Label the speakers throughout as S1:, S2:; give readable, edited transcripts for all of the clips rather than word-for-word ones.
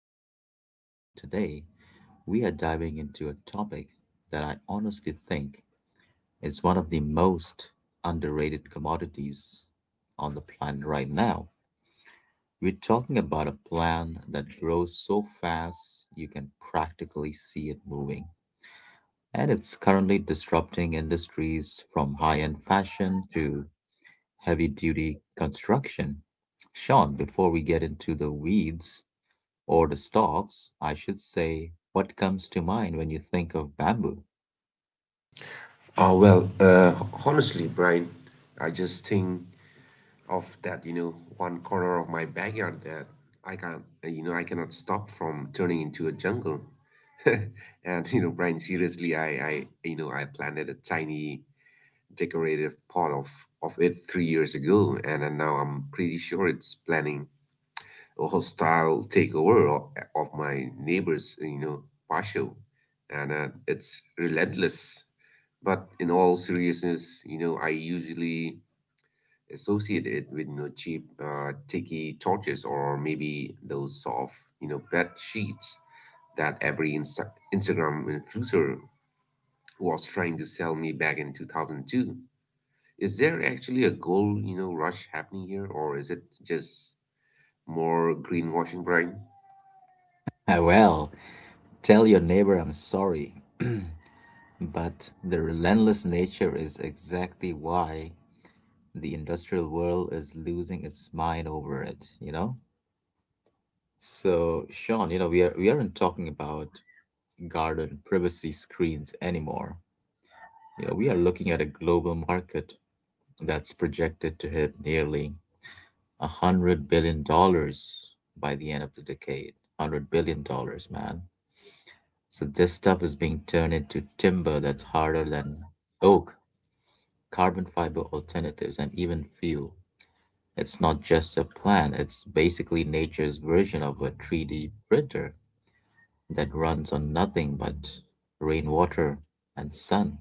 S1: My name is Brian, and today we are diving into a topic that I honestly think is one of the most underrated commodities on the planet right now. We're talking about a plant that grows so fast you can practically see it moving, and it's currently disrupting industries from high end fashion to heavy duty construction. Sean, before we get into the weeds, Or the stalks, I should say. What comes to mind when you think of bamboo?
S2: Well, honestly, Brian, I just think of that one corner of my backyard that I can't, you know, I cannot stop from turning into a jungle. And, Brian, seriously, I planted a tiny decorative pot of it 3 years ago, and, now I'm pretty sure it's planning a hostile takeover of my neighbor's patio. And it's relentless. But in all seriousness, I usually associate it with cheap, tacky torches, or maybe those soft, bed sheets that every Instagram influencer was trying to sell me back in 2002. Is there actually a gold rush happening here, or is it just more greenwashing, Brian?
S1: Ah, well, tell your neighbor I'm sorry. But the relentless nature is exactly why the industrial world is losing its mind over it, you know? So, Sean, you know, we aren't talking about garden privacy screens anymore. You know, we are looking at a global market that's projected to hit nearly $100 billion by the end of the decade. $100 billion, man. So this stuff is being turned into timber that's harder than oak, carbon fiber alternatives, and even fuel. It's not just a plan, it's basically nature's version of a 3D printer that runs on nothing but rainwater and sun.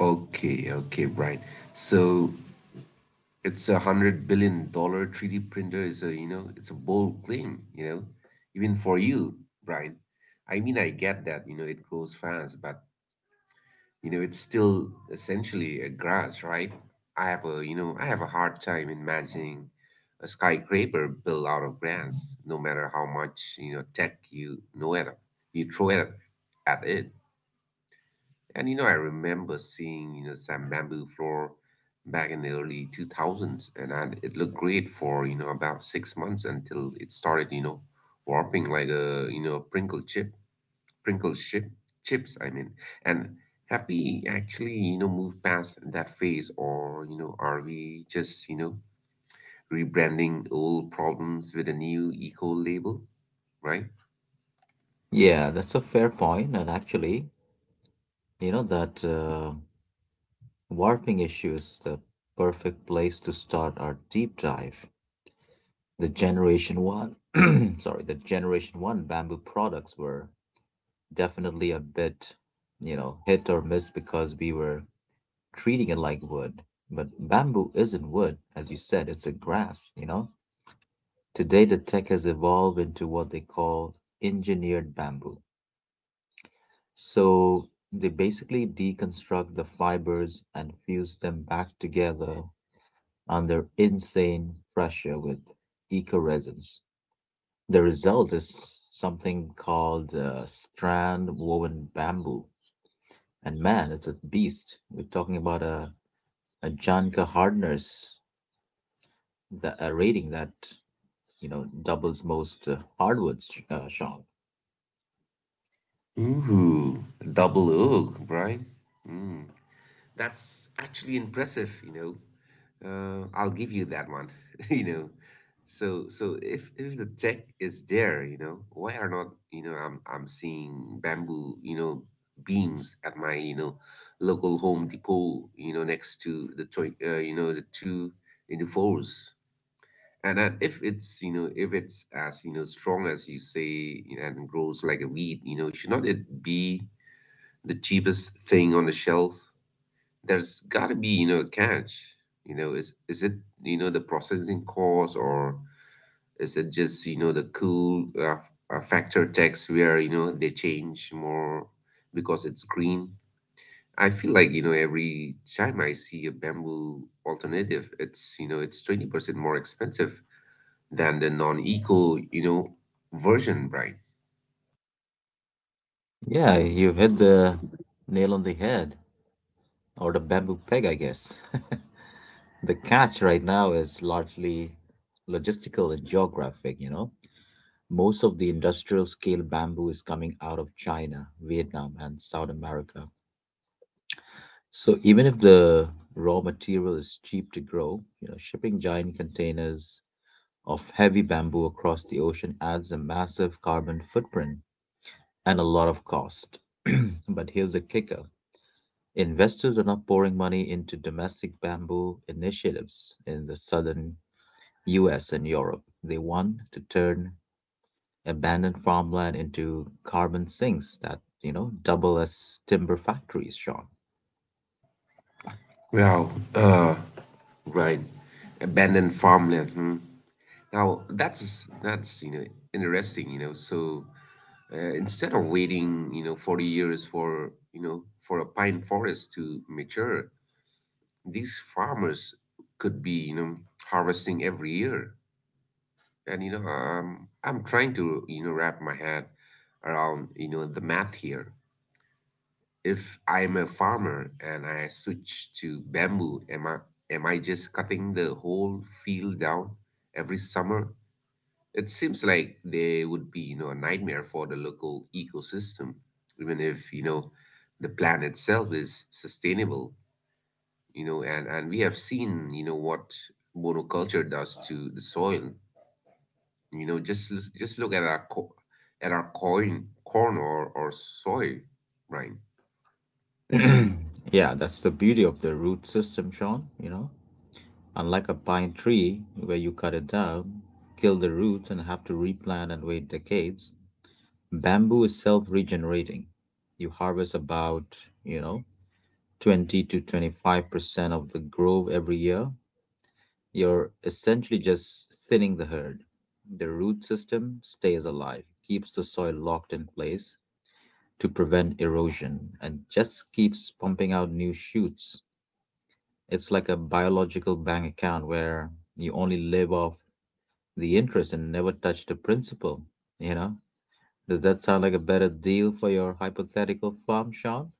S2: Okay, okay, Brian. So it's $100 billion 3D printer is a you know it's a bold claim, even for you, Brian. I mean, I get that it grows fast, but it's still essentially a grass, right? I have a hard time imagining a skyscraper built out of grass, no matter how much tech you throw it at it. And I remember seeing some bamboo floor back in the early 2000s, and it looked great for about 6 months until it started warping like a Pringle chips. I mean, and have we actually moved past that phase, or are we just rebranding old problems with a new eco label, right?
S1: Yeah, that's a fair point. And actually, you know that warping issues, the perfect place to start our deep dive. The Generation 1, sorry, the Generation 1 bamboo products were definitely a bit, you know, hit or miss because we were treating it like wood. But bamboo isn't wood, as you said, it's a grass, you know? Today, the tech has evolved into what they call engineered bamboo. So they basically deconstruct the fibers and fuse them back together under insane pressure with eco-resins. The result is something called strand woven bamboo. And man, it's a beast. We're talking about a Janka hardness, a rating that, you know, doubles most hardwoods, Sean.
S2: Ooh, double oak, right? That's actually impressive. I'll give you that one, you know. So if the tech is there, why are not I'm seeing bamboo beams at my local Home Depot, next to the toy, you know, the two in the fours. And then if it's, you know, if it's as strong as you say and grows like a weed, should not it be the cheapest thing on the shelf? There's got to be a catch. Is it the processing cost, or is it just the cool factor text where they change more because it's green? I feel like, every time I see a bamboo alternative, it's you know it's 20% more expensive than the non-eco version, right?
S1: Yeah, you've hit the nail on the head, or the bamboo peg, I guess. The catch right now is largely logistical and geographic, you know? Most of the industrial scale bamboo is coming out of China, Vietnam, and South America. So even if the raw material is cheap to grow, you know, shipping giant containers of heavy bamboo across the ocean adds a massive carbon footprint and a lot of cost. But here's the kicker. Investors are not pouring money into domestic bamboo initiatives in the southern US and Europe. They want to turn abandoned farmland into carbon sinks that you know double as timber factories.
S2: Well, right. Abandoned farmland. Hmm. Now that's interesting. So instead of waiting 40 years for a pine forest to mature, these farmers could be harvesting every year. And I'm trying to wrap my head around the math here. If I'm a farmer and I switch to bamboo, am I just cutting the whole field down every summer? It seems like they would be a nightmare for the local ecosystem, even if the plan itself is sustainable, and we have seen what monoculture does to the soil. Just look at our corn or soy, right?
S1: Sean, yeah, that's the beauty of the root system, Sean. You know, unlike a pine tree where you cut it down, kill the roots and have to replant and wait decades, bamboo is self-regenerating. You harvest about, you know, 20 to 25% of the grove every year. You're essentially just thinning the herd. The root system stays alive, keeps the soil locked in place to prevent erosion, and just keeps pumping out new shoots. It's like a biological bank account where you only live off the interest and never touch the principal. You know? Does that sound like a better deal for your hypothetical farm, Sean?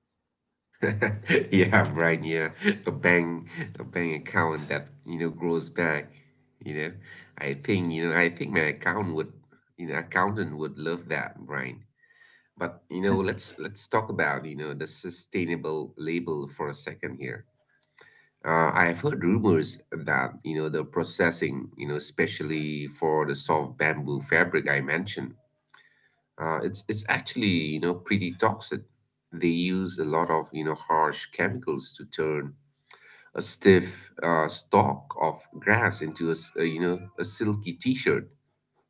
S2: Yeah, right. Yeah, a bank, a bank account that grows back. You know, I think my accountant would love that, Brian. But let's talk about the sustainable label for a second here. I've heard rumors that the processing, especially for the soft bamboo fabric I mentioned, it's actually pretty toxic. They use a lot of harsh chemicals to turn a stiff stalk of grass into a, s- a, you know a silky t-shirt,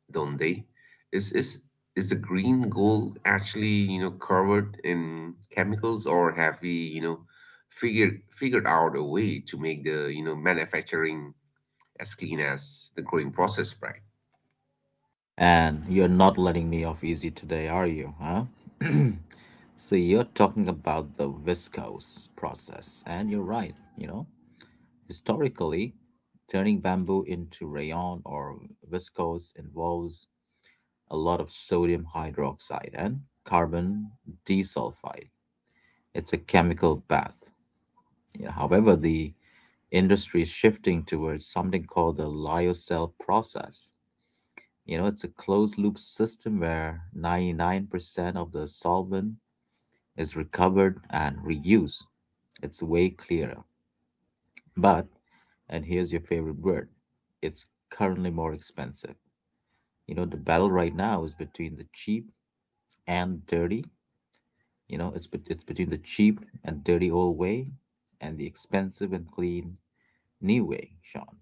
S2: don't they? Is is is the green gold actually covered in chemicals, or have we figured out a way to make the manufacturing as clean as the growing process, right?
S1: And you're not letting me off easy today, are you, huh? So you're talking about the viscose process, and you're right, you know. Historically, turning bamboo into rayon or viscose involves a lot of sodium hydroxide and carbon disulfide. It's a chemical bath. Yeah, however, the industry is shifting towards something called the lyocell process. You know, it's a closed loop system where 99% of the solvent is recovered and reused. It's way clearer. But, and here's your favorite word, it's currently more expensive. You know, the battle right now is between the cheap and dirty. You know, it's between the cheap and dirty old way and the expensive and clean new way, Sean.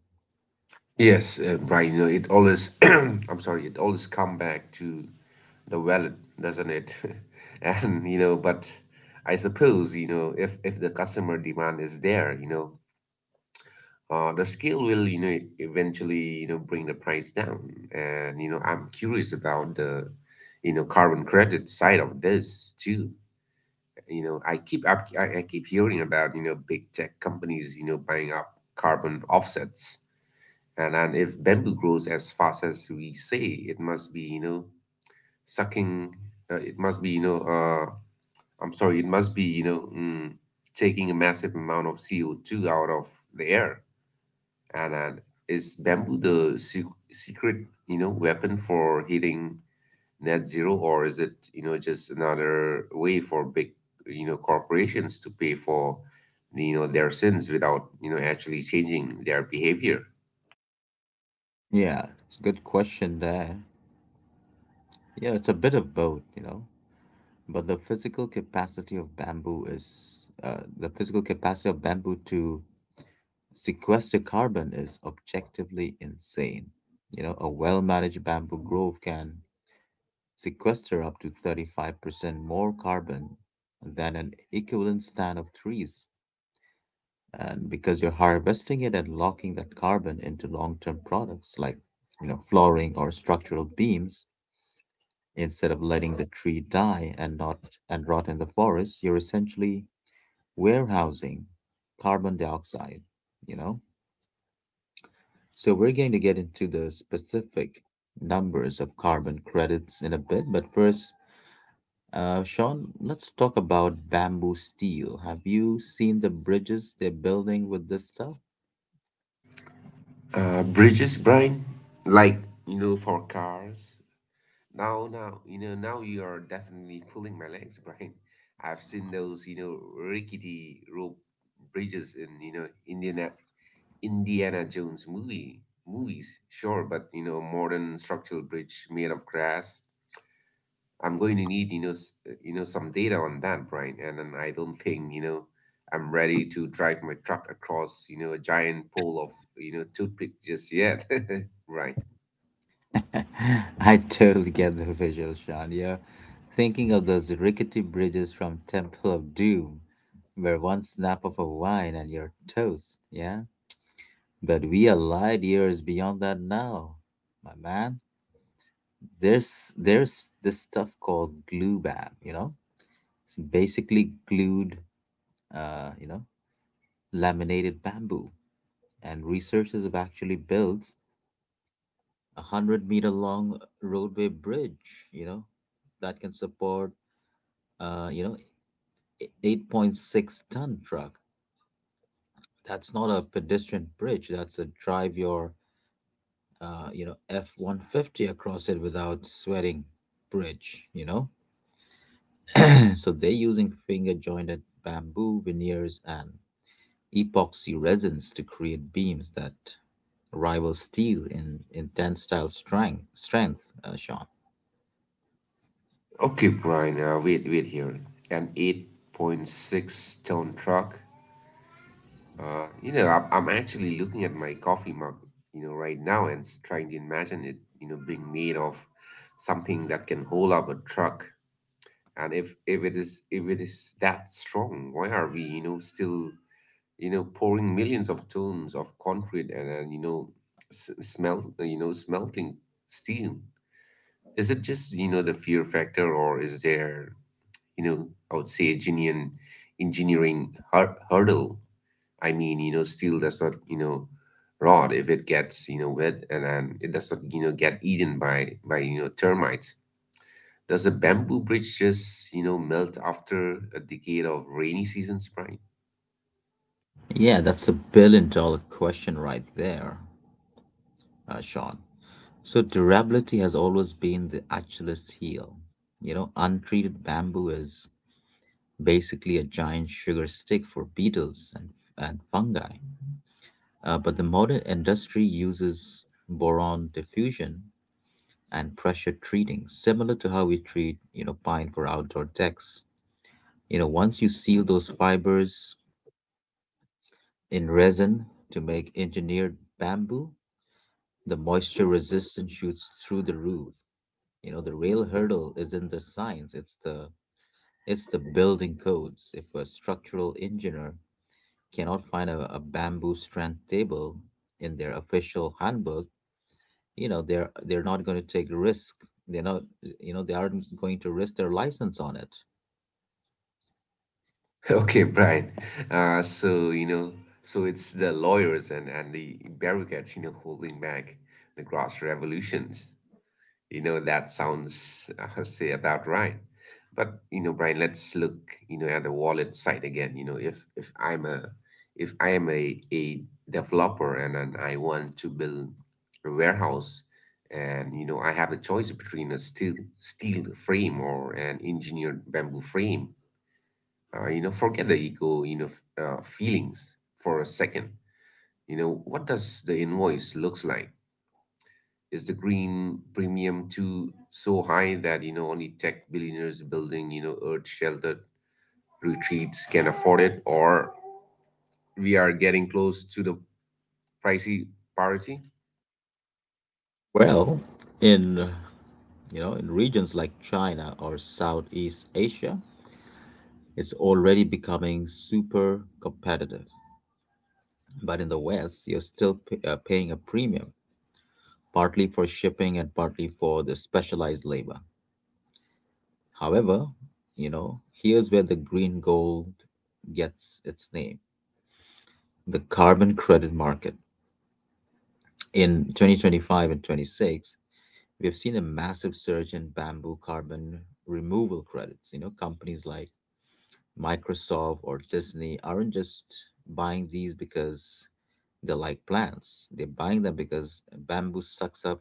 S2: Yes, Brian, I'm sorry, it always come back to the wallet, doesn't it? And, but I suppose, if the customer demand is there, the scale will eventually, bring the price down. And I'm curious about the carbon credit side of this too. I keep hearing about big tech companies, buying up carbon offsets and if bamboo grows as fast as we say, it must be sucking. It must be. I'm sorry. It must be taking a massive amount of CO2 out of the air. And is bamboo the secret weapon for hitting net zero, or is it just another way for big corporations to pay for their sins without actually changing their behavior?
S1: Yeah, it's a good question there. Yeah, it's a bit of both, you know. But the physical capacity of bamboo to sequester carbon is objectively insane. You know, a well-managed bamboo grove can sequester up to 35% more carbon than an equivalent stand of trees. And because you're harvesting it and locking that carbon into long-term products like, you know, flooring or structural beams, instead of letting the tree die and not and rot in the forest, you're essentially warehousing carbon dioxide, you know? So we're going to get into the specific numbers of carbon credits in a bit, but first, Sean, let's talk about bamboo steel. Have you seen the bridges they're building with this stuff?
S2: Bridges, Brian, like, for cars. Now you are definitely pulling my legs, Brian. I've seen those rickety rope bridges in Indiana Jones movies, sure, but modern structural bridge made of grass. I'm going to need some data on that, Brian. And I don't think I'm ready to drive my truck across a giant pole of toothpick just yet, Brian.
S1: I totally get the visual, Sean. You're thinking of those rickety bridges from Temple of Doom, where one snap of a wine and you're toast. Yeah? But we are light years beyond that now, my man. There's this stuff called glue bam, you know? It's basically glued, uh, you know, laminated bamboo. And researchers have actually built a 100-meter-long roadway bridge, you know, that can support, uh, you know, 8.6 ton truck. That's not a pedestrian bridge. That's a drive your F 150 across it without sweating bridge, you know. So they're using finger jointed bamboo veneers and epoxy resins to create beams that rival steel in tensile strength, Sean.
S2: Okay, Brian. Wait, here. An 8.6-ton truck. I'm actually looking at my coffee mug right now and trying to imagine it being made of something that can hold up a truck. And if it is that strong, why are we still pouring millions of tons of concrete, and smelting steel. Is it just the fear factor, or is there, I would say, a genuine engineering hurdle? I mean, steel does not rot if it gets wet, and then it does not get eaten by termites. Does a bamboo bridge just melt after a decade of rainy seasons, Brian?
S1: Yeah, that's a billion dollar question right there, Sean. So, durability has always been the Achilles heel. You know, untreated bamboo is basically a giant sugar stick for beetles and fungi. But the modern industry uses boron diffusion and pressure treating, similar to how we treat, you know, pine for outdoor decks. You know, once you seal those fibers in resin to make engineered bamboo, the moisture resistance shoots through the roof. You know, the real hurdle isn't the science, it's the building codes. If a structural engineer cannot find a bamboo strand table in their official handbook, you know, they're not going to take risk. They're not, you know, they aren't going to risk their license on it.
S2: Okay, Brian. Uh, so you know, so it's the lawyers and the bureaucrats, holding back the grass revolutions. That sounds, I'll say, about right. But, Brian, let's look, at the wallet side again. You know, if I'm a if I am a developer, and I want to build a warehouse, and I have a choice between a steel frame or an engineered bamboo frame. Forget the ego, feelings for a second. What does the invoice looks like? Is the green premium too so high that only tech billionaires building earth sheltered retreats can afford it, or we are getting close to the pricey parity?
S1: Well, in in regions like China or Southeast Asia, it's already becoming super competitive. But in the West, you're still paying a premium, partly for shipping and partly for the specialized labor. However, you know, here's where the green gold gets its name the carbon credit market. In 2025 and 26, we've seen a massive surge in bamboo carbon removal credits. You know, companies like Microsoft or Disney aren't just buying these because they like plants, they're buying them because bamboo sucks up,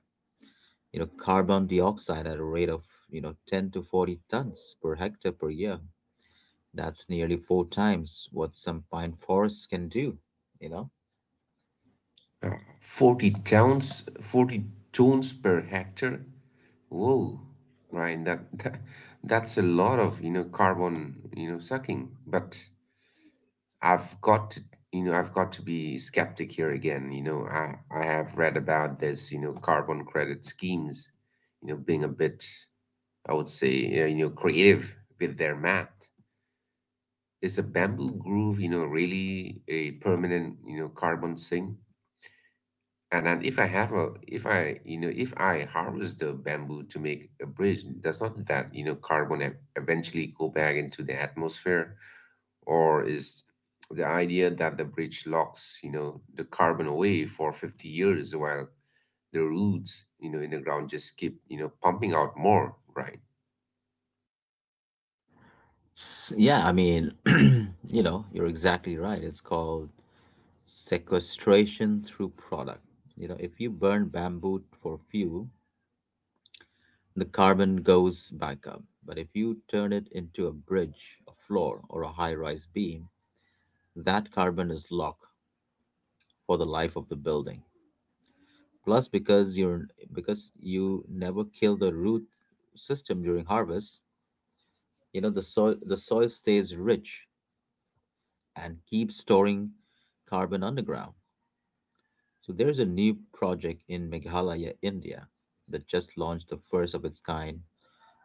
S1: you know, carbon dioxide at a rate of, you know, 10 to 40 tons per hectare per year. That's nearly four times what some pine forests can do, you know?
S2: 40 tons per hectare. Whoa, Brian, that's a lot of carbon sucking. But I've got to, I've got to be skeptic here again. I have read about this, carbon credit schemes, being a bit, I would say, creative with their math. Is a bamboo groove really a permanent carbon sink? And then if I have a, if I, you know, if I harvest the bamboo to make a bridge, does not that carbon eventually go back into the atmosphere? Or is the idea that the bridge locks the carbon away for 50 years while the roots, in the ground, just keep pumping out more, right?
S1: Yeah, I mean, you know, you're exactly right. It's called sequestration through product. You know, if you burn bamboo for fuel, the carbon goes back up. But if you turn it into a bridge, a floor, or a high rise beam, that carbon is locked for the life of the building. Plus, because you never kill the root system during harvest, you know the soil stays rich and keeps storing carbon underground. So there's a new project in Meghalaya, India, that just launched the first of its kind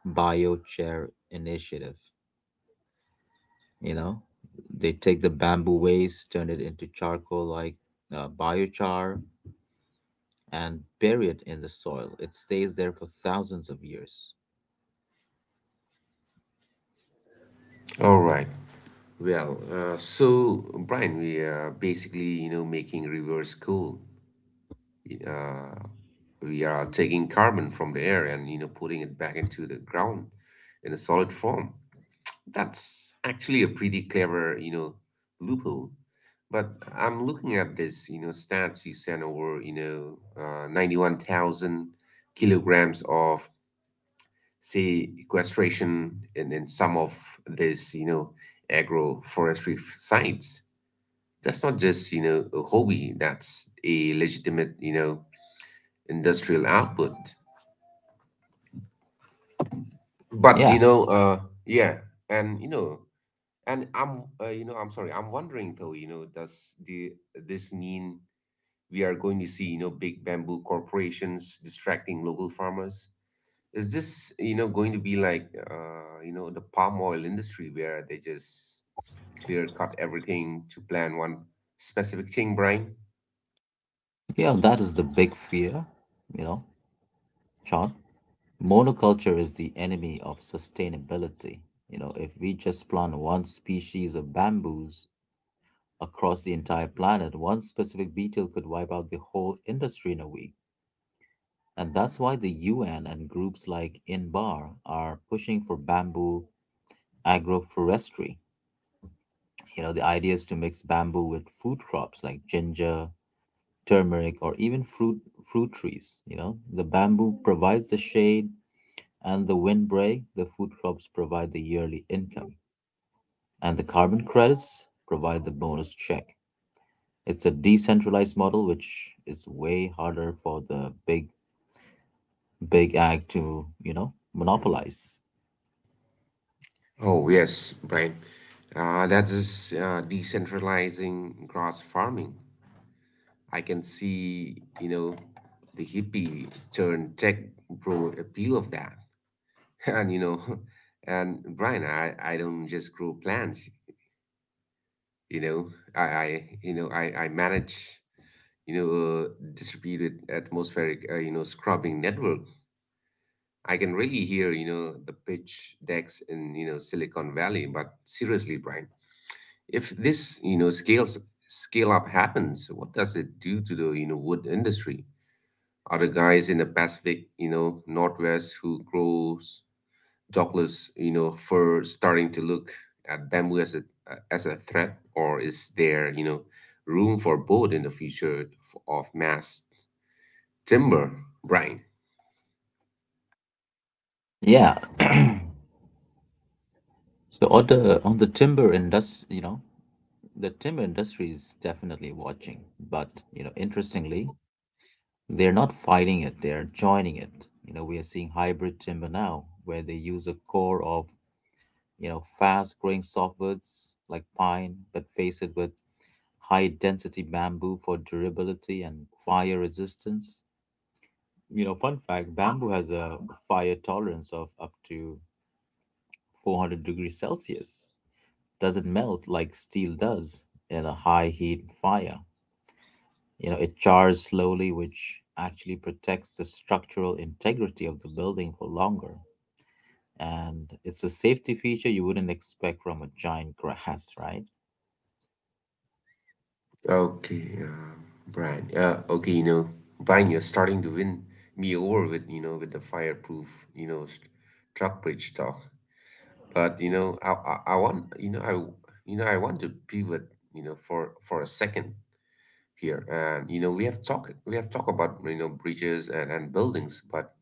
S1: biochar initiative. You know, they take the bamboo waste, turn it into charcoal like biochar, and bury it in the soil. It stays there for thousands of years.
S2: All right. Well, so, Brian, we are basically making reverse cool. Uh, we are taking carbon from the air and, putting it back into the ground in a solid form. That's actually a pretty clever loophole. But I'm looking at this stats you sent over, 91,000 kilograms of, say, sequestration, and then some of this agroforestry sites. That's not just a hobby. That's a legitimate industrial output. But,
S1: Yeah,
S2: you know, uh, yeah. And, you know, And I'm, you know, I'm sorry. I'm wondering though, does the this mean we are going to see, big bamboo corporations distracting local farmers? Is this, going to be like, the palm oil industry where they just clear cut everything to plant one specific thing, Brian?
S1: Yeah, that is the big fear, you know, Sean. Monoculture is the enemy of sustainability. You know, if we just plant one species of bamboos across the entire planet, one specific beetle could wipe out the whole industry in a week. And that's why the UN and groups like INBAR are pushing for bamboo agroforestry. You know, the idea is to mix bamboo with food crops like ginger, turmeric, or even fruit trees. You know, the bamboo provides the shade and the windbreak, the food crops provide the yearly income, and the carbon credits provide the bonus check. It's a decentralized model, which is way harder for the big ag to you know monopolize.
S2: Oh yes, Brian. That is decentralizing grass farming. I can see, the hippie turn tech bro appeal of that. And, you know, and Brian, I don't just grow plants, I manage, a distributed atmospheric, scrubbing network. I can really hear, the pitch decks in, Silicon Valley. But seriously, Brian, if this, scale up happens, what does it do to the, wood industry? Other guys in the Pacific, Northwest who grows Douglas, fir starting to look at bamboo as a threat, or is there, room for both in the future of mass timber, Brian?
S1: Yeah. So on the timber industry, you know, the timber industry is definitely watching, but you know, interestingly, they're not fighting it; they're joining it. You know, we are seeing hybrid timber now, where they use a core of, you know, fast growing softwoods like pine, but face it with high density bamboo for durability and fire resistance. You know, fun fact bamboo has a fire tolerance of up to 400 degrees Celsius. Doesn't melt like steel does in a high heat fire. You know, it chars slowly, which actually protects the structural integrity of the building for longer. And it's a safety feature you wouldn't expect from a giant grass, right?
S2: Okay, Brian. Okay, Brian, you're starting to win me over with with the fireproof you know st- truck bridge talk. But I want I want to pivot for a second here. And we have talked about bridges and buildings, but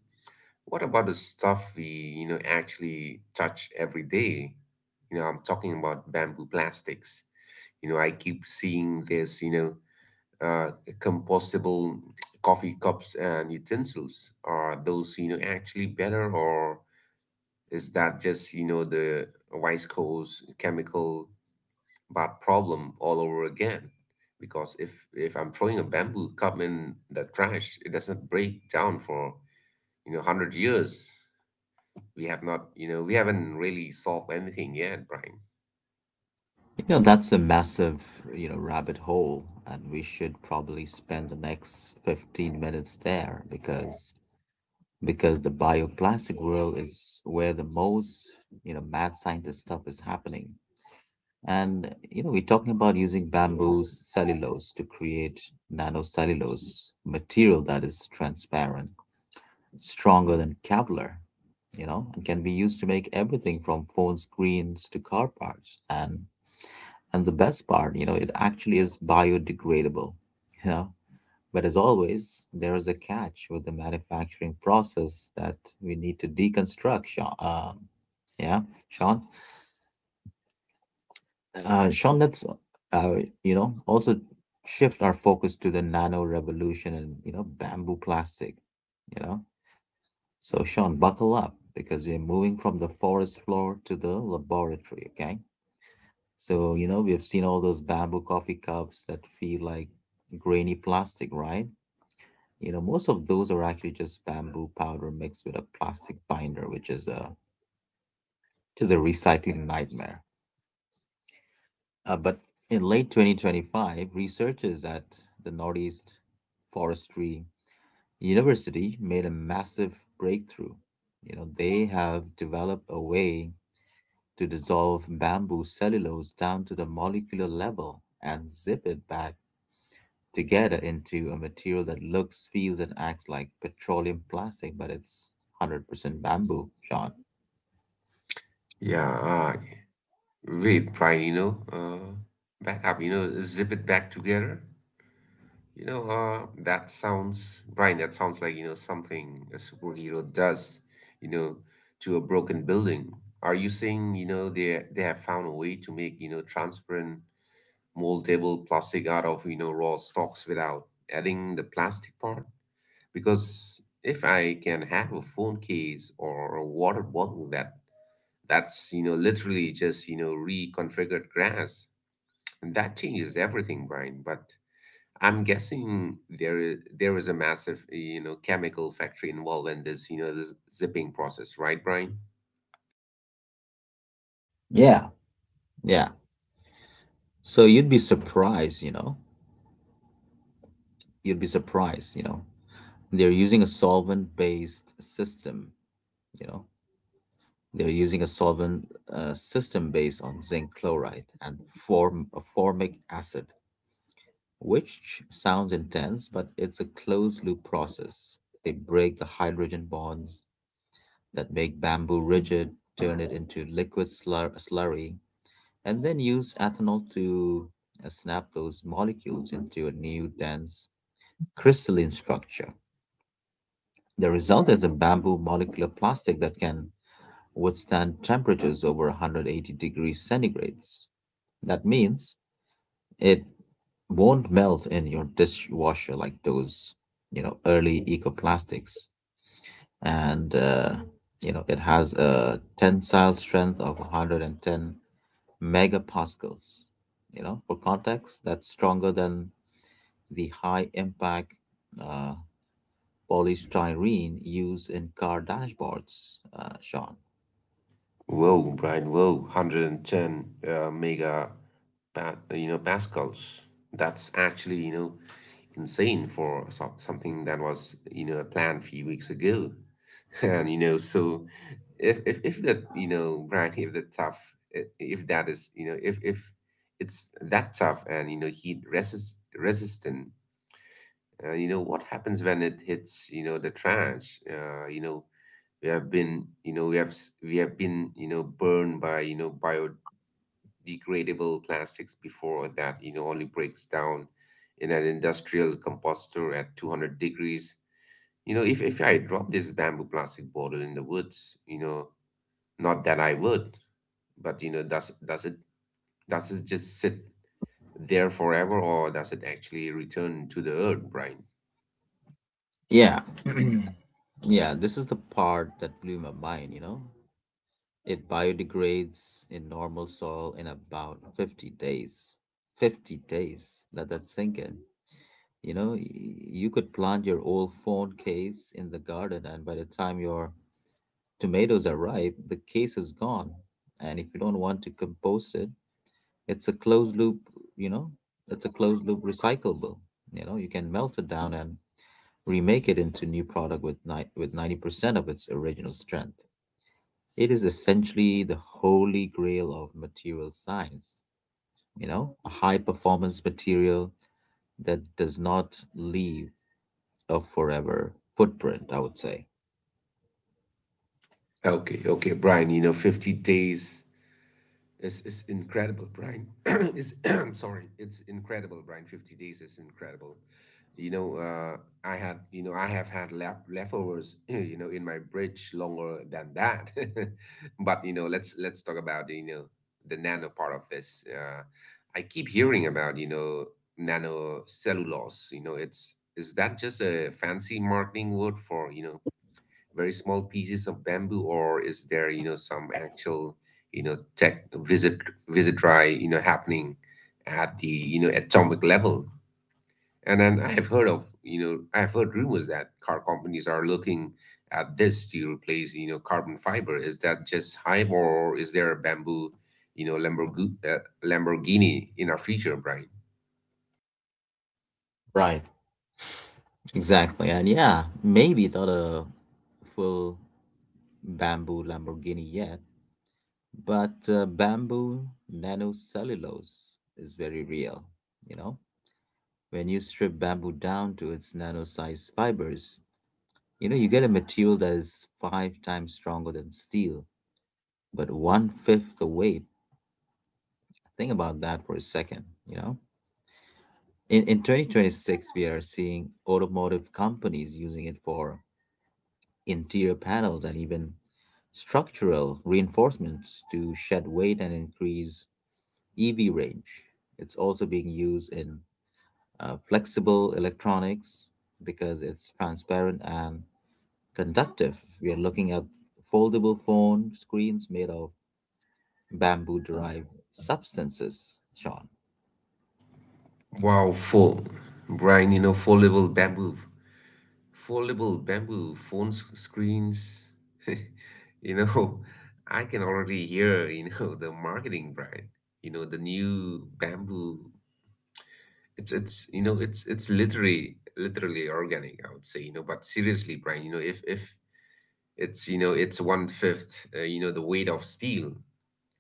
S2: what about the stuff we actually touch every day? I'm talking about bamboo plastics. I keep seeing this. Uh, Compostable coffee cups and utensils. Are those actually better, or is that just the Wise Coast chemical that problem all over again. Because if I'm throwing a bamboo cup in the trash, it doesn't break down for 100 years. We have not, you know, we haven't really solved anything yet, Brian.
S1: That's a massive, rabbit hole, and we should probably spend the next 15 minutes there because the bioplastic world is where the most, mad scientist stuff is happening. And, we're talking about using bamboo cellulose to create nanocellulose material that is transparent, stronger than Kevlar, and can be used to make everything from phone screens to car parts. And the best part, it actually is biodegradable, you know. But as always, there is a catch with the manufacturing process that we need to deconstruct, Sean. Yeah, Sean. Sean, let's, uh, also shift our focus to the nano revolution and, bamboo plastic, you know. So, Sean, buckle up because we're moving from the forest floor to the laboratory, okay? So, we have seen all those bamboo coffee cups that feel like grainy plastic, right? Most of those are actually just bamboo powder mixed with a plastic binder, which is a just a recycling nightmare. But in late 2025, researchers at the Northeast Forestry University made a massive breakthrough. They have developed a way to dissolve bamboo cellulose down to the molecular level and zip it back together into a material that looks, feels, and acts like petroleum plastic, but it's 100% bamboo, Sean.
S2: Yeah. Wait, Brian. Back up. Zip it back together. That sounds, Brian. That sounds like something a superhero does. You know, to a broken building. Are you saying they have found a way to make transparent moldable plastic out of raw stocks without adding the plastic part? Because if I can have a phone case or a water bottle that's literally just reconfigured grass, and that changes everything, Brian. But I'm guessing there is a massive, chemical factory involved in this you know this zipping process, right, Brian?
S1: Yeah, yeah. So you'd be surprised, you know? You'd be surprised? They're using a solvent based system, you know? They're using a solvent system based on zinc chloride and formic acid, which sounds intense, but it's a closed loop process. They break the hydrogen bonds that make bamboo rigid, turn it into liquid slurry, and then use ethanol to snap those molecules into a new dense crystalline structure. The result is a bamboo molecular plastic that can withstand temperatures over 180 degrees centigrades. That means it won't melt in your dishwasher like those, early eco plastics. And it has a tensile strength of 110 megapascals. For context, that's stronger than the high impact uh, polystyrene used in car dashboards, Sean.
S2: Whoa, Brian, whoa, 110 mega, pascals. That's actually, insane for something that was, planned a few weeks ago. So if that, you know, Brian, if that tough, I- if that is, you know, if it's that tough and, heat resistant, what happens when it hits, the trash? We have been burned by biodegradable plastics before that only breaks down in an industrial composter at 200 degrees. If I drop this bamboo plastic bottle in the woods, not that I would, but does it just sit there forever, or does it actually return to the earth, Brian?
S1: Yeah. Yeah, this is the part that blew my mind. It biodegrades in normal soil in about 50 days. 50 days, let that sink in. You could plant your old phone case in the garden, and by the time your tomatoes are ripe, the case is gone. And if you don't want to compost it, it's a closed loop, you know, it's a closed loop recyclable. You can melt it down and remake it into new product with with 90% of its original strength. It is essentially the holy grail of material science, a high performance material that does not leave a forever footprint, I would say.
S2: Okay, okay, Brian, 50 days. It's incredible, Brian. Sorry, it's incredible, Brian. 50 days is incredible. You know, uh, I have had leftovers, in my bridge longer than that. But, let's talk about, the nano part of this. I keep hearing about, nanocellulose. You know, it's Is that just a fancy marketing word for, very small pieces of bamboo, or is there some actual, tech visit dry happening at the, atomic level? And then I have heard rumors that car companies are looking at this to replace, carbon fiber. Is that just hype, or is there a bamboo, Lamborghini in our future, Brian?
S1: Right, exactly. And yeah, maybe not a full bamboo Lamborghini yet, but bamboo nanocellulose is very real, you know? When you strip bamboo down to its nano-sized fibers, you get a material that is five times stronger than steel, but one-fifth the weight. Think about that for a second. In 2026, we are seeing automotive companies using it for interior panels and even structural reinforcements to shed weight and increase EV range. It's also being used in flexible electronics because it's transparent and conductive. We are looking at foldable phone screens made of bamboo derived substances, Sean.
S2: Wow, full Brian, full level bamboo. Foldable bamboo phone screens. You know, I can already hear, the marketing, Brian. The new bamboo. It's you know, it's literally organic, I would say, but seriously, Brian, if it's one fifth, the weight of steel,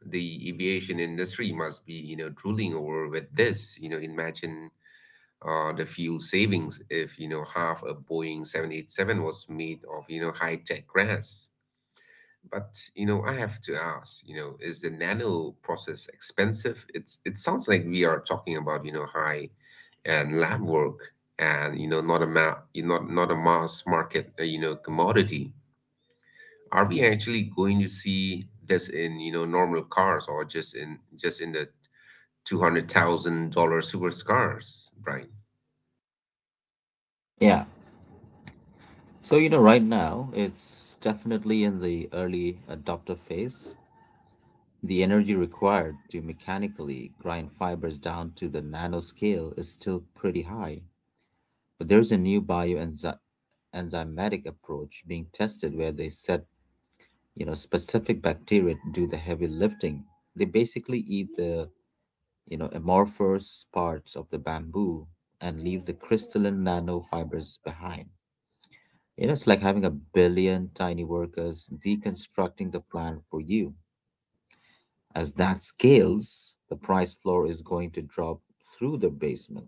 S2: the aviation industry must be, drooling over with this. Imagine, the fuel savings if half a Boeing 787 was made of high-tech grass. But I have to ask, is the nano process expensive? It sounds like we are talking about, high and lab work, and not a ma- you not a mass market, commodity. Are we actually going to see this in normal cars, or just in the $200,000 supercars, right?
S1: Yeah. So, right now it's definitely in the early adopter phase. The energy required to mechanically grind fibers down to the nanoscale is still pretty high, but there's a new bioenzyme enzymatic approach being tested where they set, specific bacteria to do the heavy lifting. They basically eat the, amorphous parts of the bamboo and leave the crystalline nanofibers behind. It's like having a billion tiny workers deconstructing the plant for you. As that scales, the price floor is going to drop through the basement.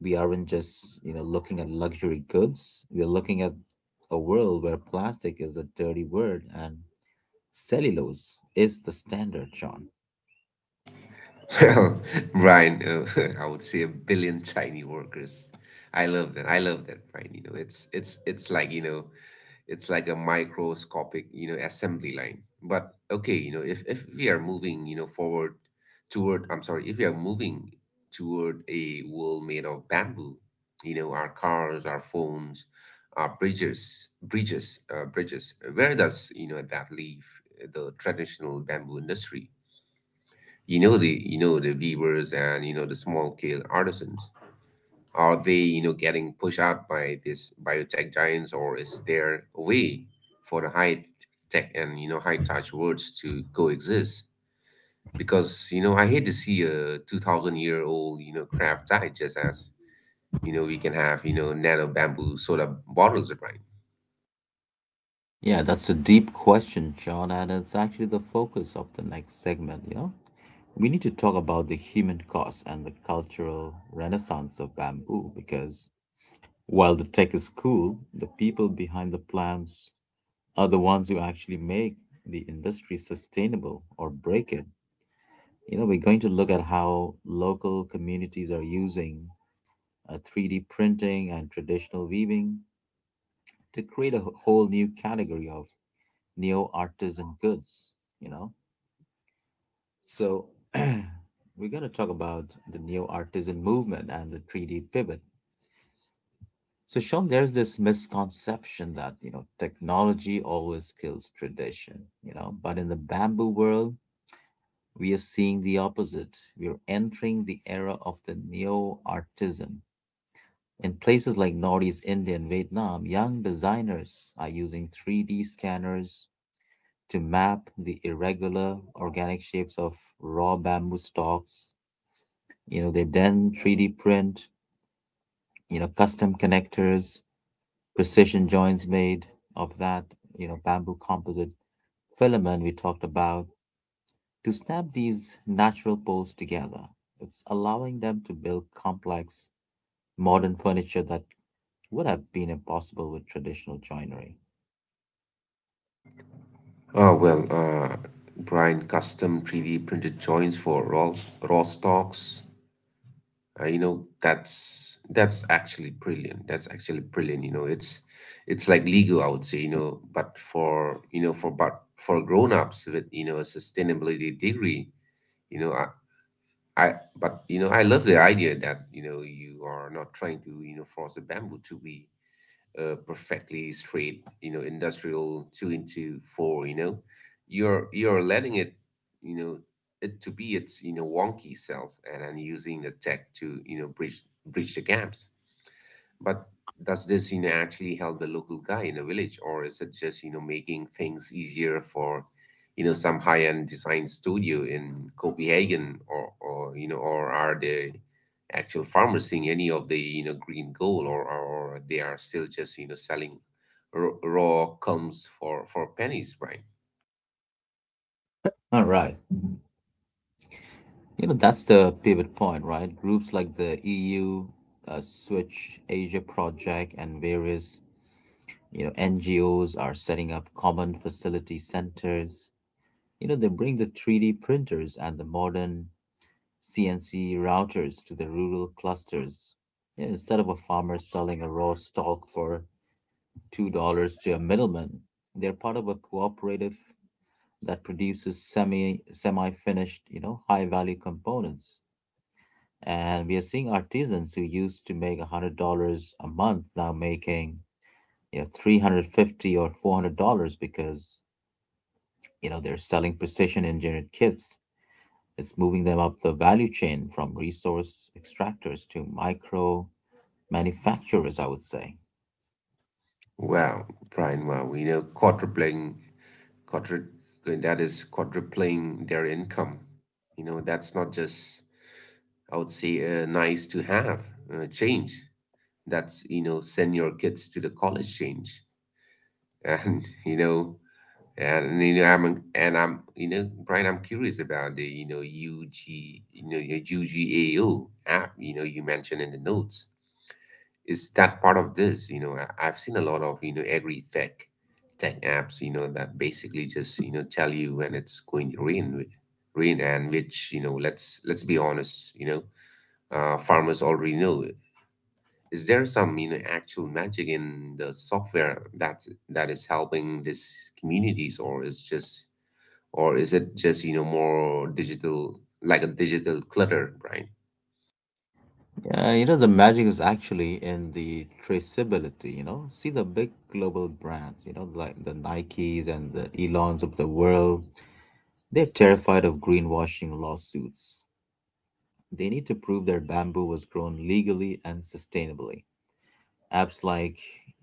S1: We aren't just, looking at luxury goods. We're looking at a world where plastic is a dirty word and cellulose is the standard, John.
S2: Well, Brian, I would say, a billion tiny workers. I love that. I love that, Brian. It's like, it's like a microscopic, assembly line. But okay, if we are moving you know forward toward, I'm sorry, if we are moving toward a world made of bamboo, our cars, our phones, our bridges. Where does, that leave the traditional bamboo industry? The weavers and, the small scale artisans, are they, getting pushed out by this biotech giants, or is there a way for the high tech and, high touch worlds to coexist? Because, I hate to see a 2000-year old, craft die just as, we can have, nano bamboo soda bottles, right?
S1: Yeah, that's a deep question, John, and it's actually the focus of the next segment. We need to talk about the human cost and the cultural renaissance of bamboo because while the tech is cool, the people behind the plants are the ones who actually make the industry sustainable or break it. We're going to look at how local communities are using 3D printing and traditional weaving to create a whole new category of neo artisan goods, you know. So, we're going to talk about the neo artisan movement and the 3D pivot. So, Sean, there's this misconception that, technology always kills tradition, but in the bamboo world, we are seeing the opposite. We are entering the era of the neo artisan. In places like Northeast India and Vietnam, young designers are using 3D scanners to map the irregular organic shapes of raw bamboo stalks. They then 3D print, custom connectors, precision joints made of that, bamboo composite filament we talked about to snap these natural poles together. It's allowing them to build complex, modern furniture that would have been impossible with traditional joinery.
S2: Oh, well, Brian, custom 3D printed joints for raw stocks. That's actually brilliant. That's actually brilliant. It's like legal, I would say, but for but for grown-ups with, a sustainability degree, you know, I, I love the idea that, you are not trying to, force a bamboo to be, perfectly straight, industrial two into four, you're letting it, you know, it to be its, wonky self, and using the tech to, bridge the gaps. But does this, actually help the local guy in a village, or is it just, making things easier for, some high-end design studio in Copenhagen, or are the actual farmers seeing any of the, green gold, or they are still just, selling raw combs for pennies, Brian?
S1: All right. That's the pivot point, right? Groups like the EU, Switch Asia Project, and various, NGOs are setting up common facility centers. They bring the 3D printers and the modern CNC routers to the rural clusters. Yeah, instead of a farmer selling a raw stalk for $2 to a middleman, they're part of a cooperative that produces semi-finished, high-value components. And we are seeing artisans who used to make $100 a month now making, 350 or $400 because, they're selling precision engineered kits. It's moving them up the value chain from resource extractors to micro manufacturers, I would say.
S2: Wow, Brian, wow, quadru, that is quadrupling their income. That's not just, I would say, nice to have, change. That's, send your kids to the college change, and you know, and you know I'm, Brian, I'm curious about the, your UGAO app you mentioned in the notes. Is that part of this? I've seen a lot of, agri tech apps, that basically just, tell you when it's going to rain, and which, let's be honest, farmers already know. Is there some, actual magic in the software that is helping these communities, or is it just, more digital, like a digital clutter, Brian?
S1: Yeah, the magic is actually in the traceability. See the big global brands, like the Nikes and the Elons of the world. They're terrified of greenwashing lawsuits. They need to prove their bamboo was grown legally and sustainably. Apps like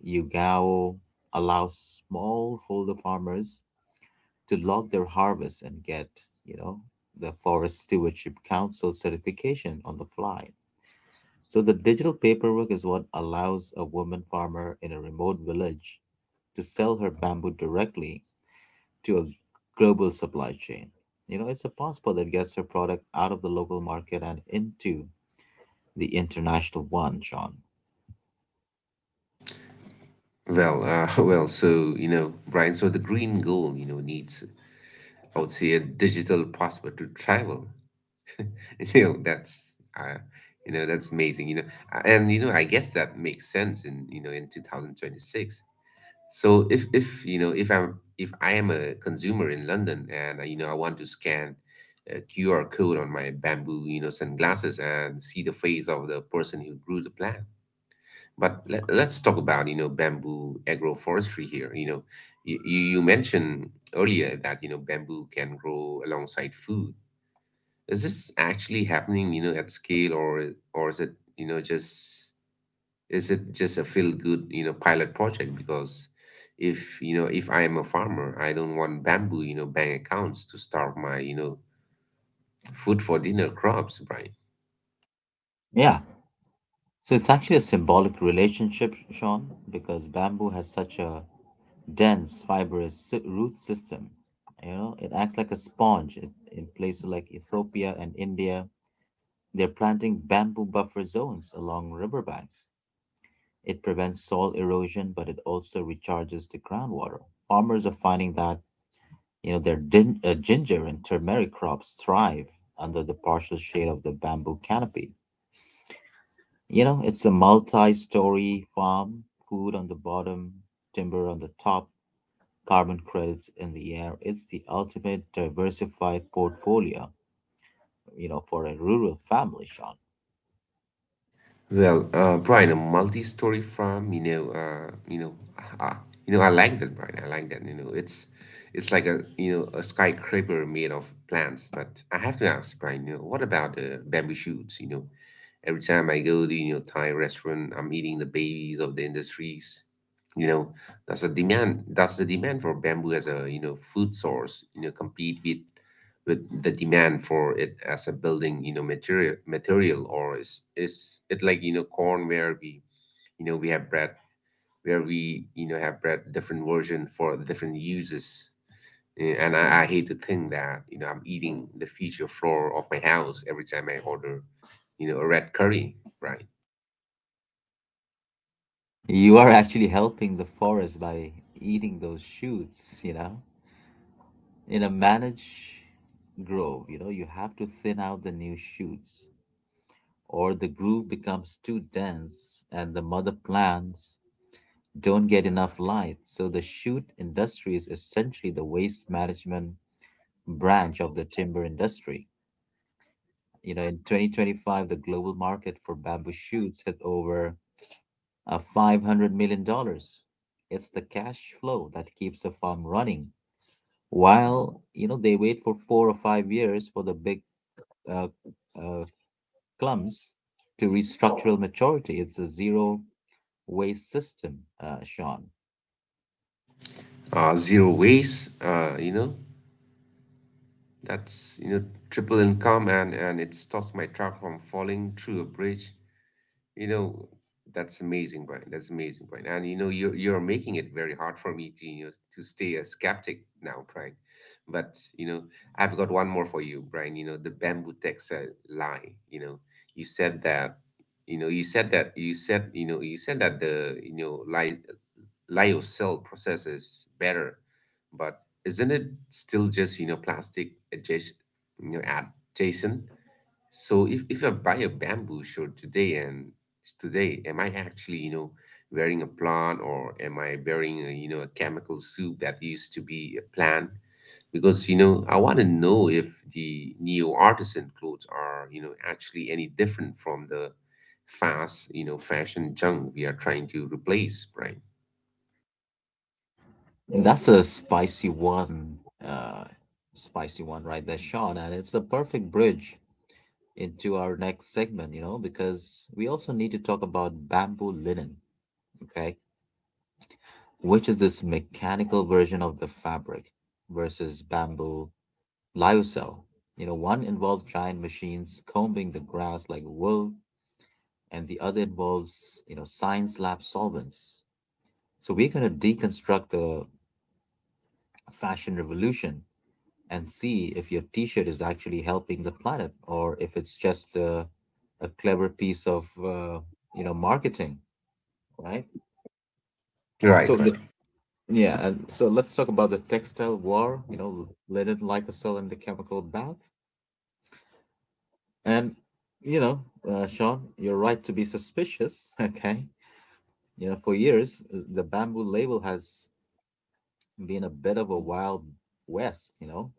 S1: Yugao allow smallholder farmers to log their harvest and get, you know, the Forest Stewardship Council certification on the fly. So the digital paperwork is what allows a woman farmer in a remote village to sell her bamboo directly to a global supply chain. It's a passport that gets her product out of the local market and into the international one, Sean.
S2: Well, well, so, Brian, so the green goal, needs, I would say, a digital passport to travel. You know, that's, uh, that's amazing. I guess that makes sense in, in 2026. So if if I'm if I am a consumer in London, and I want to scan a QR code on my bamboo, sunglasses, and see the face of the person who grew the plant. But let's talk about, bamboo agroforestry here. You mentioned earlier that, bamboo can grow alongside food. Is this actually happening, at scale, or is it, just is it just a feel good, pilot project? Because if, if I am a farmer, I don't want bamboos, bank accounts to starve my, food for dinner crops, Brian.
S1: Yeah. So it's actually a symbolic relationship, Sean, because bamboo has such a dense, fibrous root system. It acts like a sponge in places like Ethiopia and India. They're planting bamboo buffer zones along riverbanks. It prevents soil erosion, but it also recharges the groundwater. Farmers are finding that their ginger and turmeric crops thrive under the partial shade of the bamboo canopy. It's a multi-story farm, food on the bottom, timber on the top, carbon credits in the air. It's the ultimate diversified portfolio, for a rural family, Sean.
S2: Brian, a multi-story farm, uh, I like that, Brian. I like that. It's it's like a a skyscraper made of plants. But I have to ask, Brian, what about the bamboo shoots? Every time I go to Thai restaurant, I'm eating the babies of the industries. You know, that's a demand. That's the demand for bamboo as a food source. Compete with the demand for it as a building material material or is it like corn where we have bread where we have bread different version for different uses? I hate to think that I'm eating the future floor of my house every time I order a red curry, right?
S1: You are actually helping the forest by eating those shoots. In a managed grove, you have to thin out the new shoots, or the groove becomes too dense and the mother plants don't get enough light. So the shoot industry is essentially the waste management branch of the timber industry. In 2025, the global market for bamboo shoots hit over $500 million dollars. It's the cash flow that keeps the farm running while, they wait for 4 or 5 years for the big uh, uh, clumps to restructural maturity. It's a zero waste system, Sean.
S2: Zero waste, that's triple income, and it stops my truck from falling through a bridge. You know, that's amazing, Brian. That's amazing, Brian. And you're you're making it very hard for me to to stay a skeptic now, Brian. But you know, I've got one more for you, Brian. The bamboo texa lie. You know, you said that. You know, you said that you said you know you said that the you know li- Lyocell process is better, but isn't it still just plastic adjacent you know adjacent? So if, I buy a bamboo shirt today, am I actually, wearing a plant, or am I wearing a, a chemical soup that used to be a plant? Because, I want to know if the neo artisan clothes are, actually any different from the fast, fashion junk we are trying to replace, right?
S1: That's a uh, spicy one right there, Sean. And it's the perfect bridge into our next segment, because we also need to talk about bamboo linen. Okay, which is this mechanical version of the fabric versus bamboo lyocell. One involved giant machines combing the grass like wool, and the other involves, science lab solvents. So we're going to deconstruct the fashion revolution and see if your t-shirt is actually helping the planet or if it's just a clever piece of, marketing, right? So
S2: Right,
S1: the
S2: right.
S1: Yeah, and so let's talk about the textile war, linen, Lysol, and the chemical bath. And, you know, Sean, you're right to be suspicious, okay? For years, the bamboo label has been a bit of a wild west.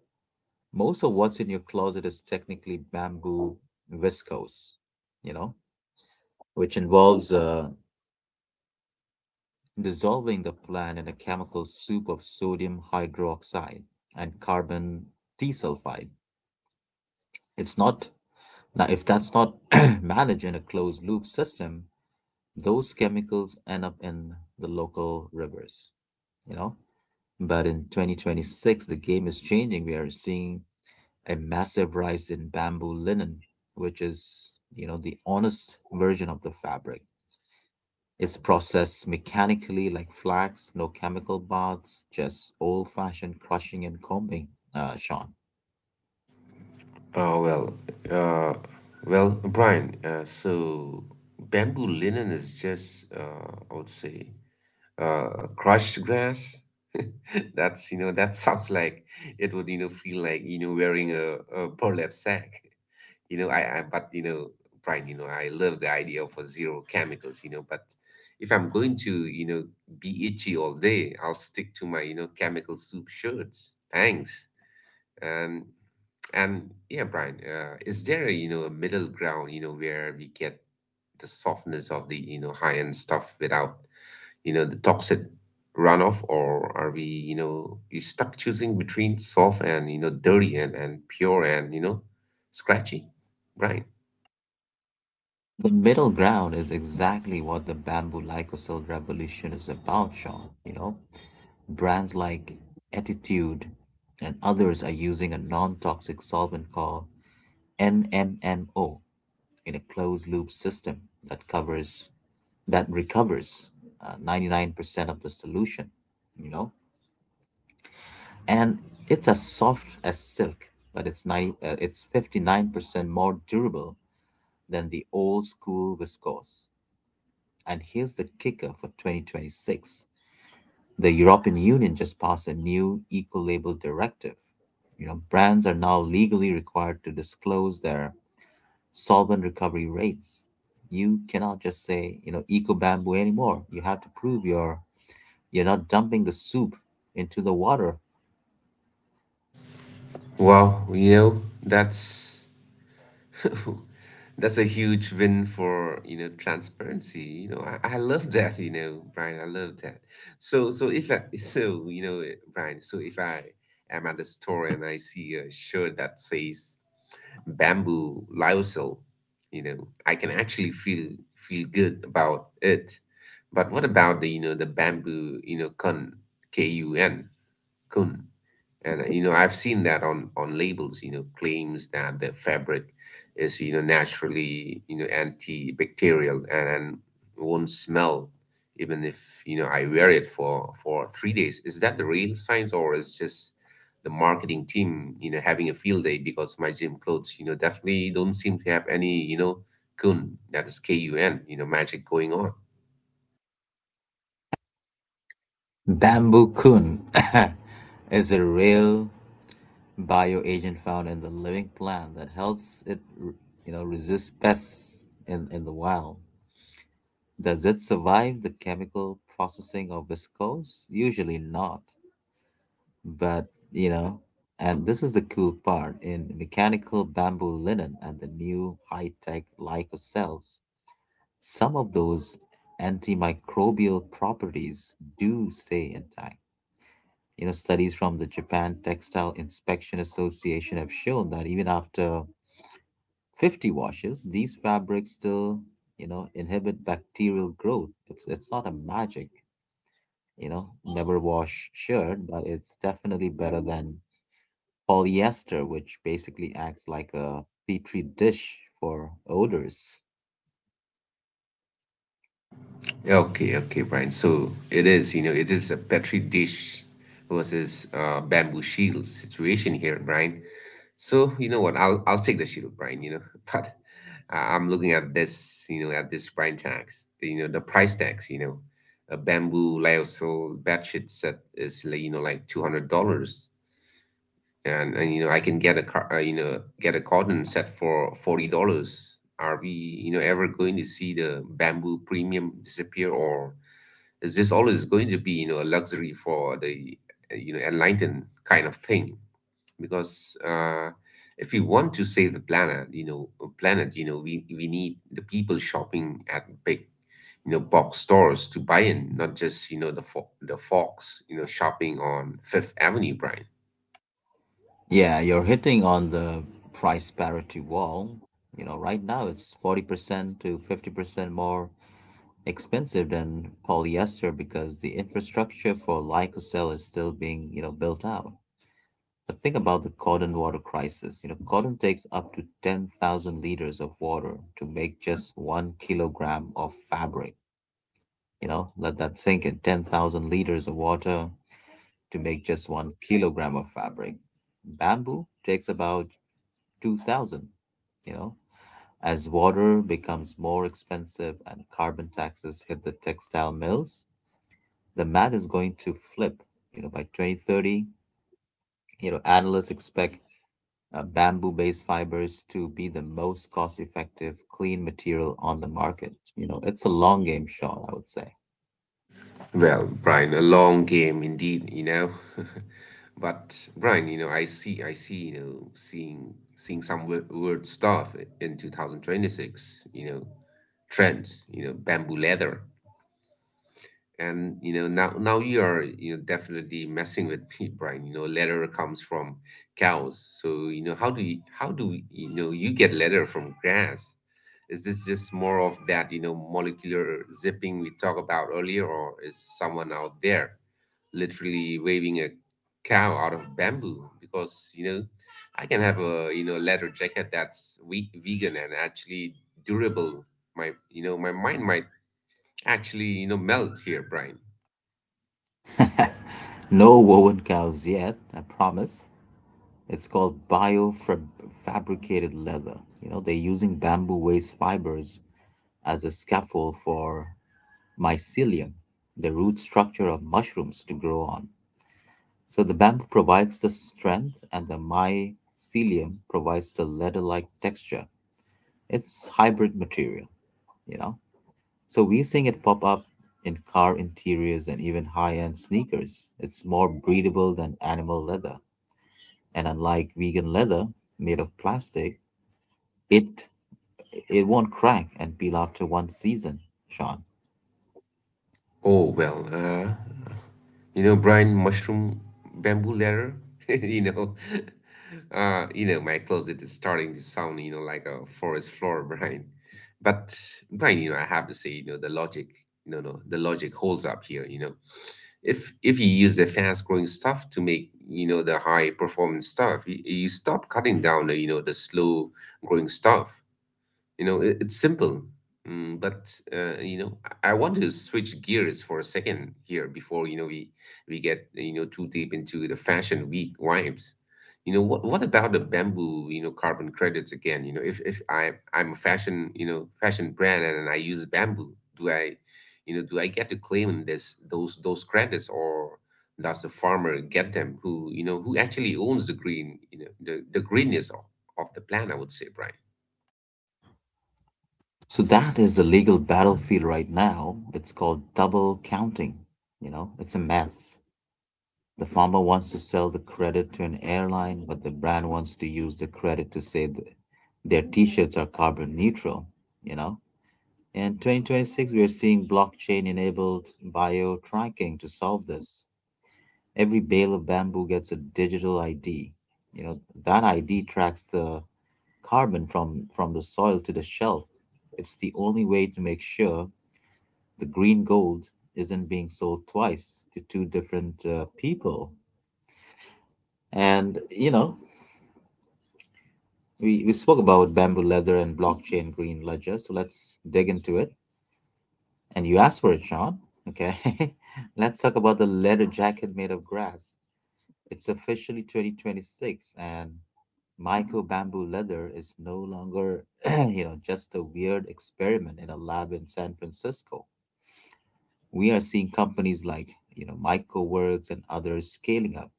S1: Most of what's in your closet is technically bamboo viscose, you know, which involves dissolving the plant in a chemical soup of sodium hydroxide and carbon disulfide. It's not Now, if that's not managed in a closed loop system, those chemicals end up in the local rivers, you know? But in 2026, the game is changing. We are seeing a massive rise in bamboo linen, which is, the honest version of the fabric. It's processed mechanically like flax, no chemical baths, just old fashioned crushing and combing, Sean.
S2: Uh, well, uh, Brian, so bamboo linen is just, I would say, crushed grass. That's that sounds like it would feel like wearing a burlap sack. You know I but you know Brian, I love the idea of a zero chemicals, but if I'm going to be itchy all day, I'll stick to my chemical soup shirts. Thanks. And and yeah, Brian, is there a, a middle ground where we get the softness of the high end stuff without the toxic runoff? Or are we, we stuck choosing between soft and, dirty, and pure and, scratchy, right?
S1: The middle ground is exactly what the bamboo lyocell revolution is about, Sean. Brands like Attitude and others are using a non toxic solvent called NMMO in a closed loop system that covers, that recovers 99% of the solution, you know, and it's as soft as silk, but it's 90, it's 59% more durable than the old school viscose. And here's the kicker for 2026: the European Union just passed a new eco label directive. Brands are now legally required to disclose their solvent recovery rates. You cannot just say, eco bamboo anymore. You have to prove you're not dumping the soup into the water.
S2: Wow, that's that's a huge win for, transparency. I love that, Brian. I love that. So so if i so you know brian so if I am at a store and I see a shirt that says bamboo lyocell, I can actually feel good about it. But what about the, the bamboo, kun kun? And you know, I've seen that on labels, claims that the fabric is, naturally, antibacterial, and won't smell even if, I wear it for 3 days. Is that the real science, or is just the marketing team, having a field day? Because my gym clothes, definitely don't seem to have any, kun — that is kun — magic going on.
S1: Bamboo kun is a real bioagent found in the living plant that helps it resist pests in the wild. Does it survive the chemical processing of viscose? Usually not. But, you know, and this is the cool part, in mechanical bamboo linen and the new high tech lycocells, some of those antimicrobial properties do stay intact. Studies from the Japan Textile Inspection Association have shown that even after 50 washes, these fabrics still, inhibit bacterial growth. It's not a magic, never wash shirt, but it's definitely better than polyester, which basically acts like a petri dish for odors.
S2: Okay, okay, Brian. So it is, it is a petri dish versus bamboo shield situation here, Brian. So, you know what? I'll take the shield, Brian. But I'm looking at this, at this Brian tax. The price tax. A bamboo lyocell bed sheet set is like, like $200, and, I can get a get a cotton set for $40. Are we, ever going to see the bamboo premium disappear? Or is this always going to be, a luxury for the, enlightened kind of thing? Because if we want to save the planet, we need the people shopping at big, box stores to buy in, not just, the the fox, shopping on Fifth Avenue, Brian.
S1: Yeah, you're hitting on the price parity wall. Right now it's 40% to 50% more expensive than polyester because the infrastructure for lyocell is still being, built out. But think about the cotton water crisis. Cotton takes up to 10,000 liters of water to make just 1 kilogram of fabric. Let that sink in: 10,000 liters of water to make just 1 kilogram of fabric. Bamboo takes about 2,000, you know. As water becomes more expensive and carbon taxes hit the textile mills, the math is going to flip. By 2030, analysts expect bamboo based fibers to be the most cost effective clean material on the market. It's a long game, Sean, I would say.
S2: Well, Brian, a long game indeed, But Brian, I see, seeing some weird, weird stuff in 2026, trends, bamboo leather. And, now you are, definitely messing with me, Brian. You know, leather comes from cows. So, how do you, how do you know you get leather from grass? Is this just more of that, molecular zipping we talked about earlier, or is someone out there literally waving a cow out of bamboo? Because, I can have a, leather jacket that's vegan and actually durable. My mind might actually, melt here, Brian.
S1: No woven cows yet, I promise. It's called biofabricated leather. They're using bamboo waste fibers as a scaffold for mycelium, the root structure of mushrooms to grow on. So the bamboo provides the strength and the mycelium provides the leather like texture. It's hybrid material, you know so we're seeing it pop up in car interiors and even high-end sneakers. It's more breathable than animal leather, and unlike vegan leather made of plastic, it it won't crack and peel after one season, Sean.
S2: Oh, well, brine mushroom bamboo ladder. you know, my closet is starting to sound, like a forest floor, Brian. But Brian, I have to say, the logic — no, no, the logic holds up here. If you use the fast growing stuff to make, the high performance stuff, you stop cutting down, the slow growing stuff. It's simple. But I want to switch gears for a second here before, we get, too deep into the fashion week vibes. You know what? What about the bamboo, carbon credits again? If I'm a fashion, fashion brand, and I use bamboo, do I, do I get to claim this those credits, or does the farmer get them? Who, who actually owns the green, the greenness of, the plant? I would say, Brian.
S1: So that is the legal battlefield right now. It's called double counting. It's a mess. The farmer wants to sell the credit to an airline, but the brand wants to use the credit to say that their t-shirts are carbon neutral, you know? In 2026, we are seeing blockchain-enabled bio-tracking to solve this. Every bale of bamboo gets a digital ID. You know, that ID tracks the carbon from the soil to the shelf. It's the only way to make sure the green gold isn't being sold twice to two different people. And, we spoke about bamboo leather and blockchain green ledger. So let's dig into it. And you asked for it, Sean. Okay. Let's talk about the leather jacket made of grass. It's officially 2026, and Michael Bamboo Leather is no longer, just a weird experiment in a lab in San Francisco. We are seeing companies like, Michael Works and others scaling up.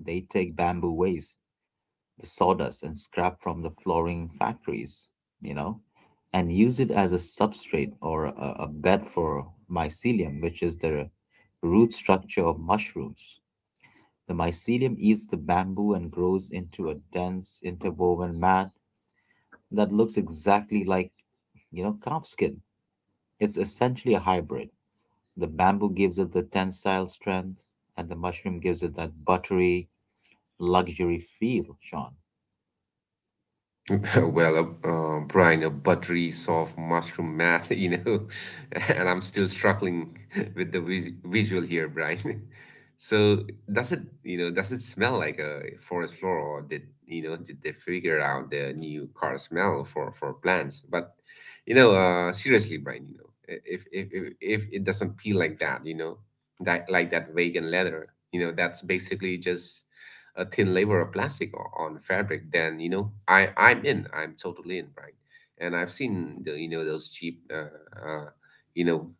S1: They take bamboo waste, the sawdust, and scrap from the flooring factories, you know, and use it as a substrate, or a bed for mycelium, which is the root structure of mushrooms. The mycelium eats the bamboo and grows into a dense interwoven mat that looks exactly like, calf skin. It's essentially a hybrid. The bamboo gives it the tensile strength, and the mushroom gives it that buttery, luxury feel, Sean.
S2: Well, a brine, a buttery, soft mushroom mat, and I'm still struggling with the visual here, Brian. So does it, does it smell like a forest floor? Or did, did they figure out the new car smell for plants? Seriously, Brian, if if it doesn't peel like that, that like that vegan leather, that's basically just a thin layer of plastic on fabric, then, I I'm totally in, Brian. And I've seen the, those cheap uh you know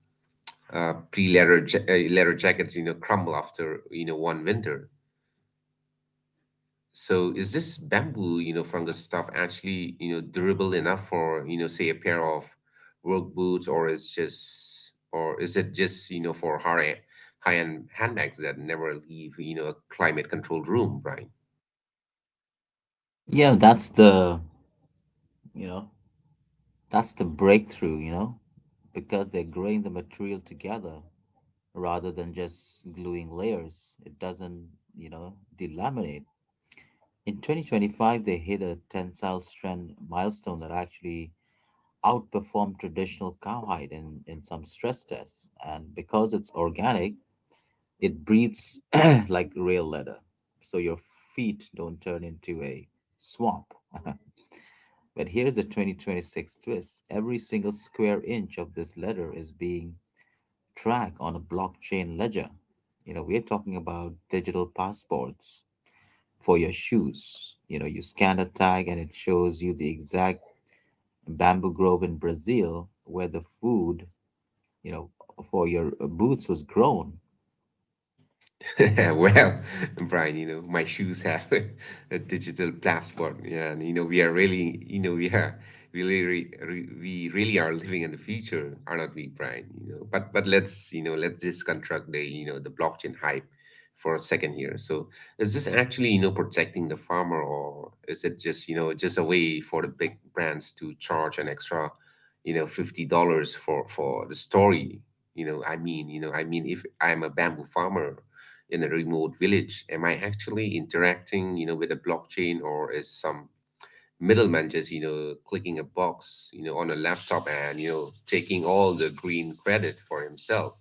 S2: pre-leather leather jackets, crumble after, one winter. So is this bamboo, fungus stuff actually, durable enough for, say, a pair of work boots? Or is just, or is it just you know, for high end handbags that never leave, a climate controlled room, Brian?
S1: Yeah, you know, that's the breakthrough, because they're growing the material together rather than just gluing layers. It doesn't, delaminate. In 2025, they hit a tensile strength milestone that actually outperformed traditional cowhide in some stress tests. And because it's organic, it breathes like real leather. So your feet don't turn into a swamp. But here's the 2026 twist: every single square inch of this letter is being tracked on a blockchain ledger. We're talking about digital passports for your shoes. You scan a tag and it shows you the exact bamboo grove in Brazil where the food, you know, for your boots was grown.
S2: Well, Brian, my shoes have a digital passport, yeah, and, we are really, we really are living in the future, are not we, Brian? But let's, let's just construct the, the blockchain hype for a second here. So, is this actually, protecting the farmer, or is it just, just a way for the big brands to charge an extra, $50 for the story? I mean, if I'm a bamboo farmer in a remote village, am I actually interacting, with a blockchain, or is some middleman just, clicking a box, on a laptop, and, taking all the green credit for himself?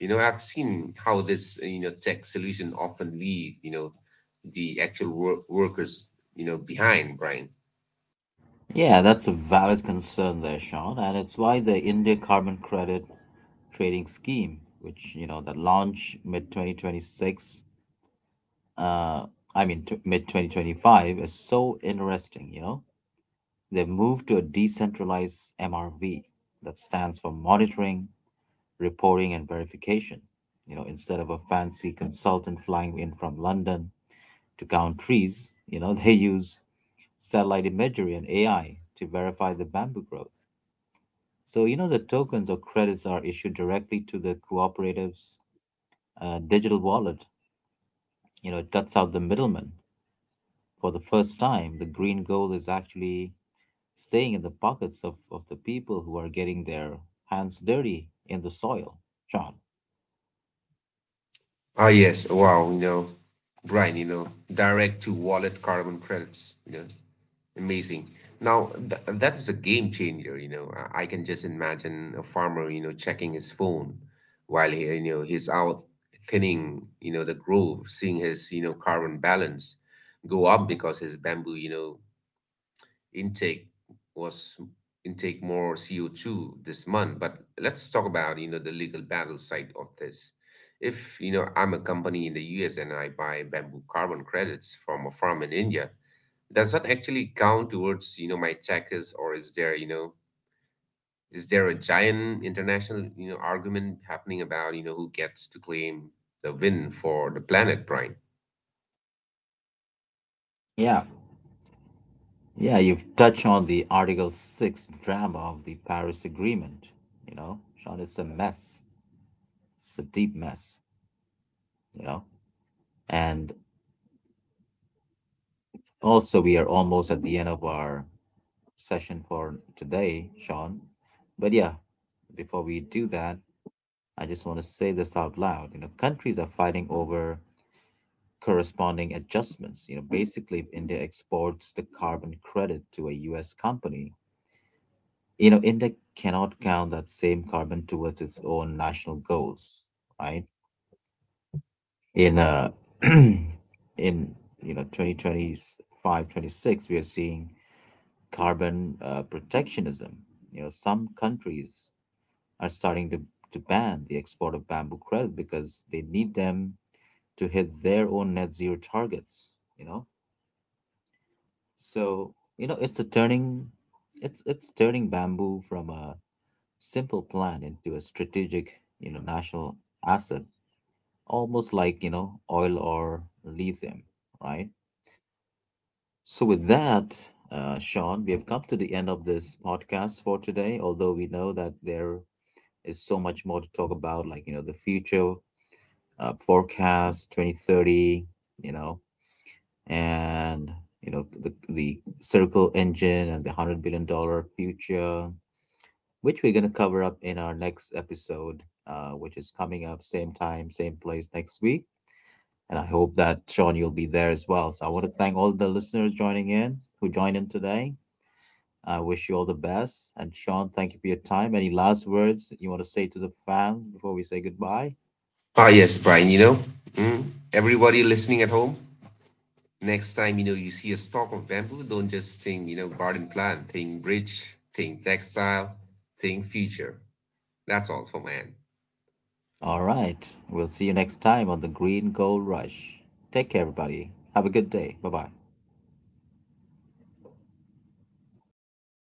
S2: I've seen how this, tech solution often leave, the actual workers, behind, Brian.
S1: Yeah, that's a valid concern there, Sean, and it's why the India Carbon Credit Trading Scheme, which that launched mid 2026, uh, I mean, mid 2025, is so interesting, They've moved to a decentralized MRV, that stands for monitoring, reporting, and verification. Instead of a fancy consultant flying in from London to count trees, they use satellite imagery and AI to verify the bamboo growth. So, the tokens or credits are issued directly to the cooperative's digital wallet. It cuts out the middleman. For the first time, the green gold is actually staying in the pockets of, the people who are getting their hands dirty in the soil, John.
S2: Ah yes, wow, Brian, direct to wallet carbon credits, Amazing. Now, th that is a game changer, I can just imagine a farmer, checking his phone while he, he's out thinning, the grove, seeing his, carbon balance go up because his bamboo, intake was intake more CO2 this month. But let's talk about, the legal battle side of this. If, I'm a company in the US and I buy bamboo carbon credits from a farm in India, does that actually count towards, my checkers? Or is there, a giant international, argument happening about, who gets to claim the win for the planet, Brian?
S1: Yeah. Yeah, you've touched on the Article 6 drama of the Paris Agreement. Sean, it's a mess. It's a deep mess, you know. And also, we are almost at the end of our session for today, Sean. But yeah, before we do that, I just want to say this out loud. Countries are fighting over corresponding adjustments. Basically, if India exports the carbon credit to a U.S. company, India cannot count that same carbon towards its own national goals, right? In in you know 2025, 26, we are seeing carbon protectionism. Some countries are starting to ban the export of bamboo credit because they need them to hit their own net zero targets. You know, So, it's a turning it's turning bamboo from a simple plant into a strategic, national asset, almost like, oil or lithium, right? So with that, Sean, we have come to the end of this podcast for today, although we know that there is so much more to talk about, like, the future, forecast 2030, you know, and the circle engine and the $100 billion future, which we're gonna cover up in our next episode, which is coming up same time, same place next week. And I hope that, Sean, you'll be there as well. So I want to thank all the listeners joining in who joined in today. I wish you all the best. And Sean, thank you for your time. Any last words you want to say to the fans before we say goodbye?
S2: Ah yes, Brian, mm, everybody listening at home, next time, you see a stalk of bamboo, don't just think, garden plant. Think bridge, think textile, think future. That's all for man.
S1: All right. We'll see you next time on the Green Gold Rush. Take care, everybody. Have a good day. Bye bye.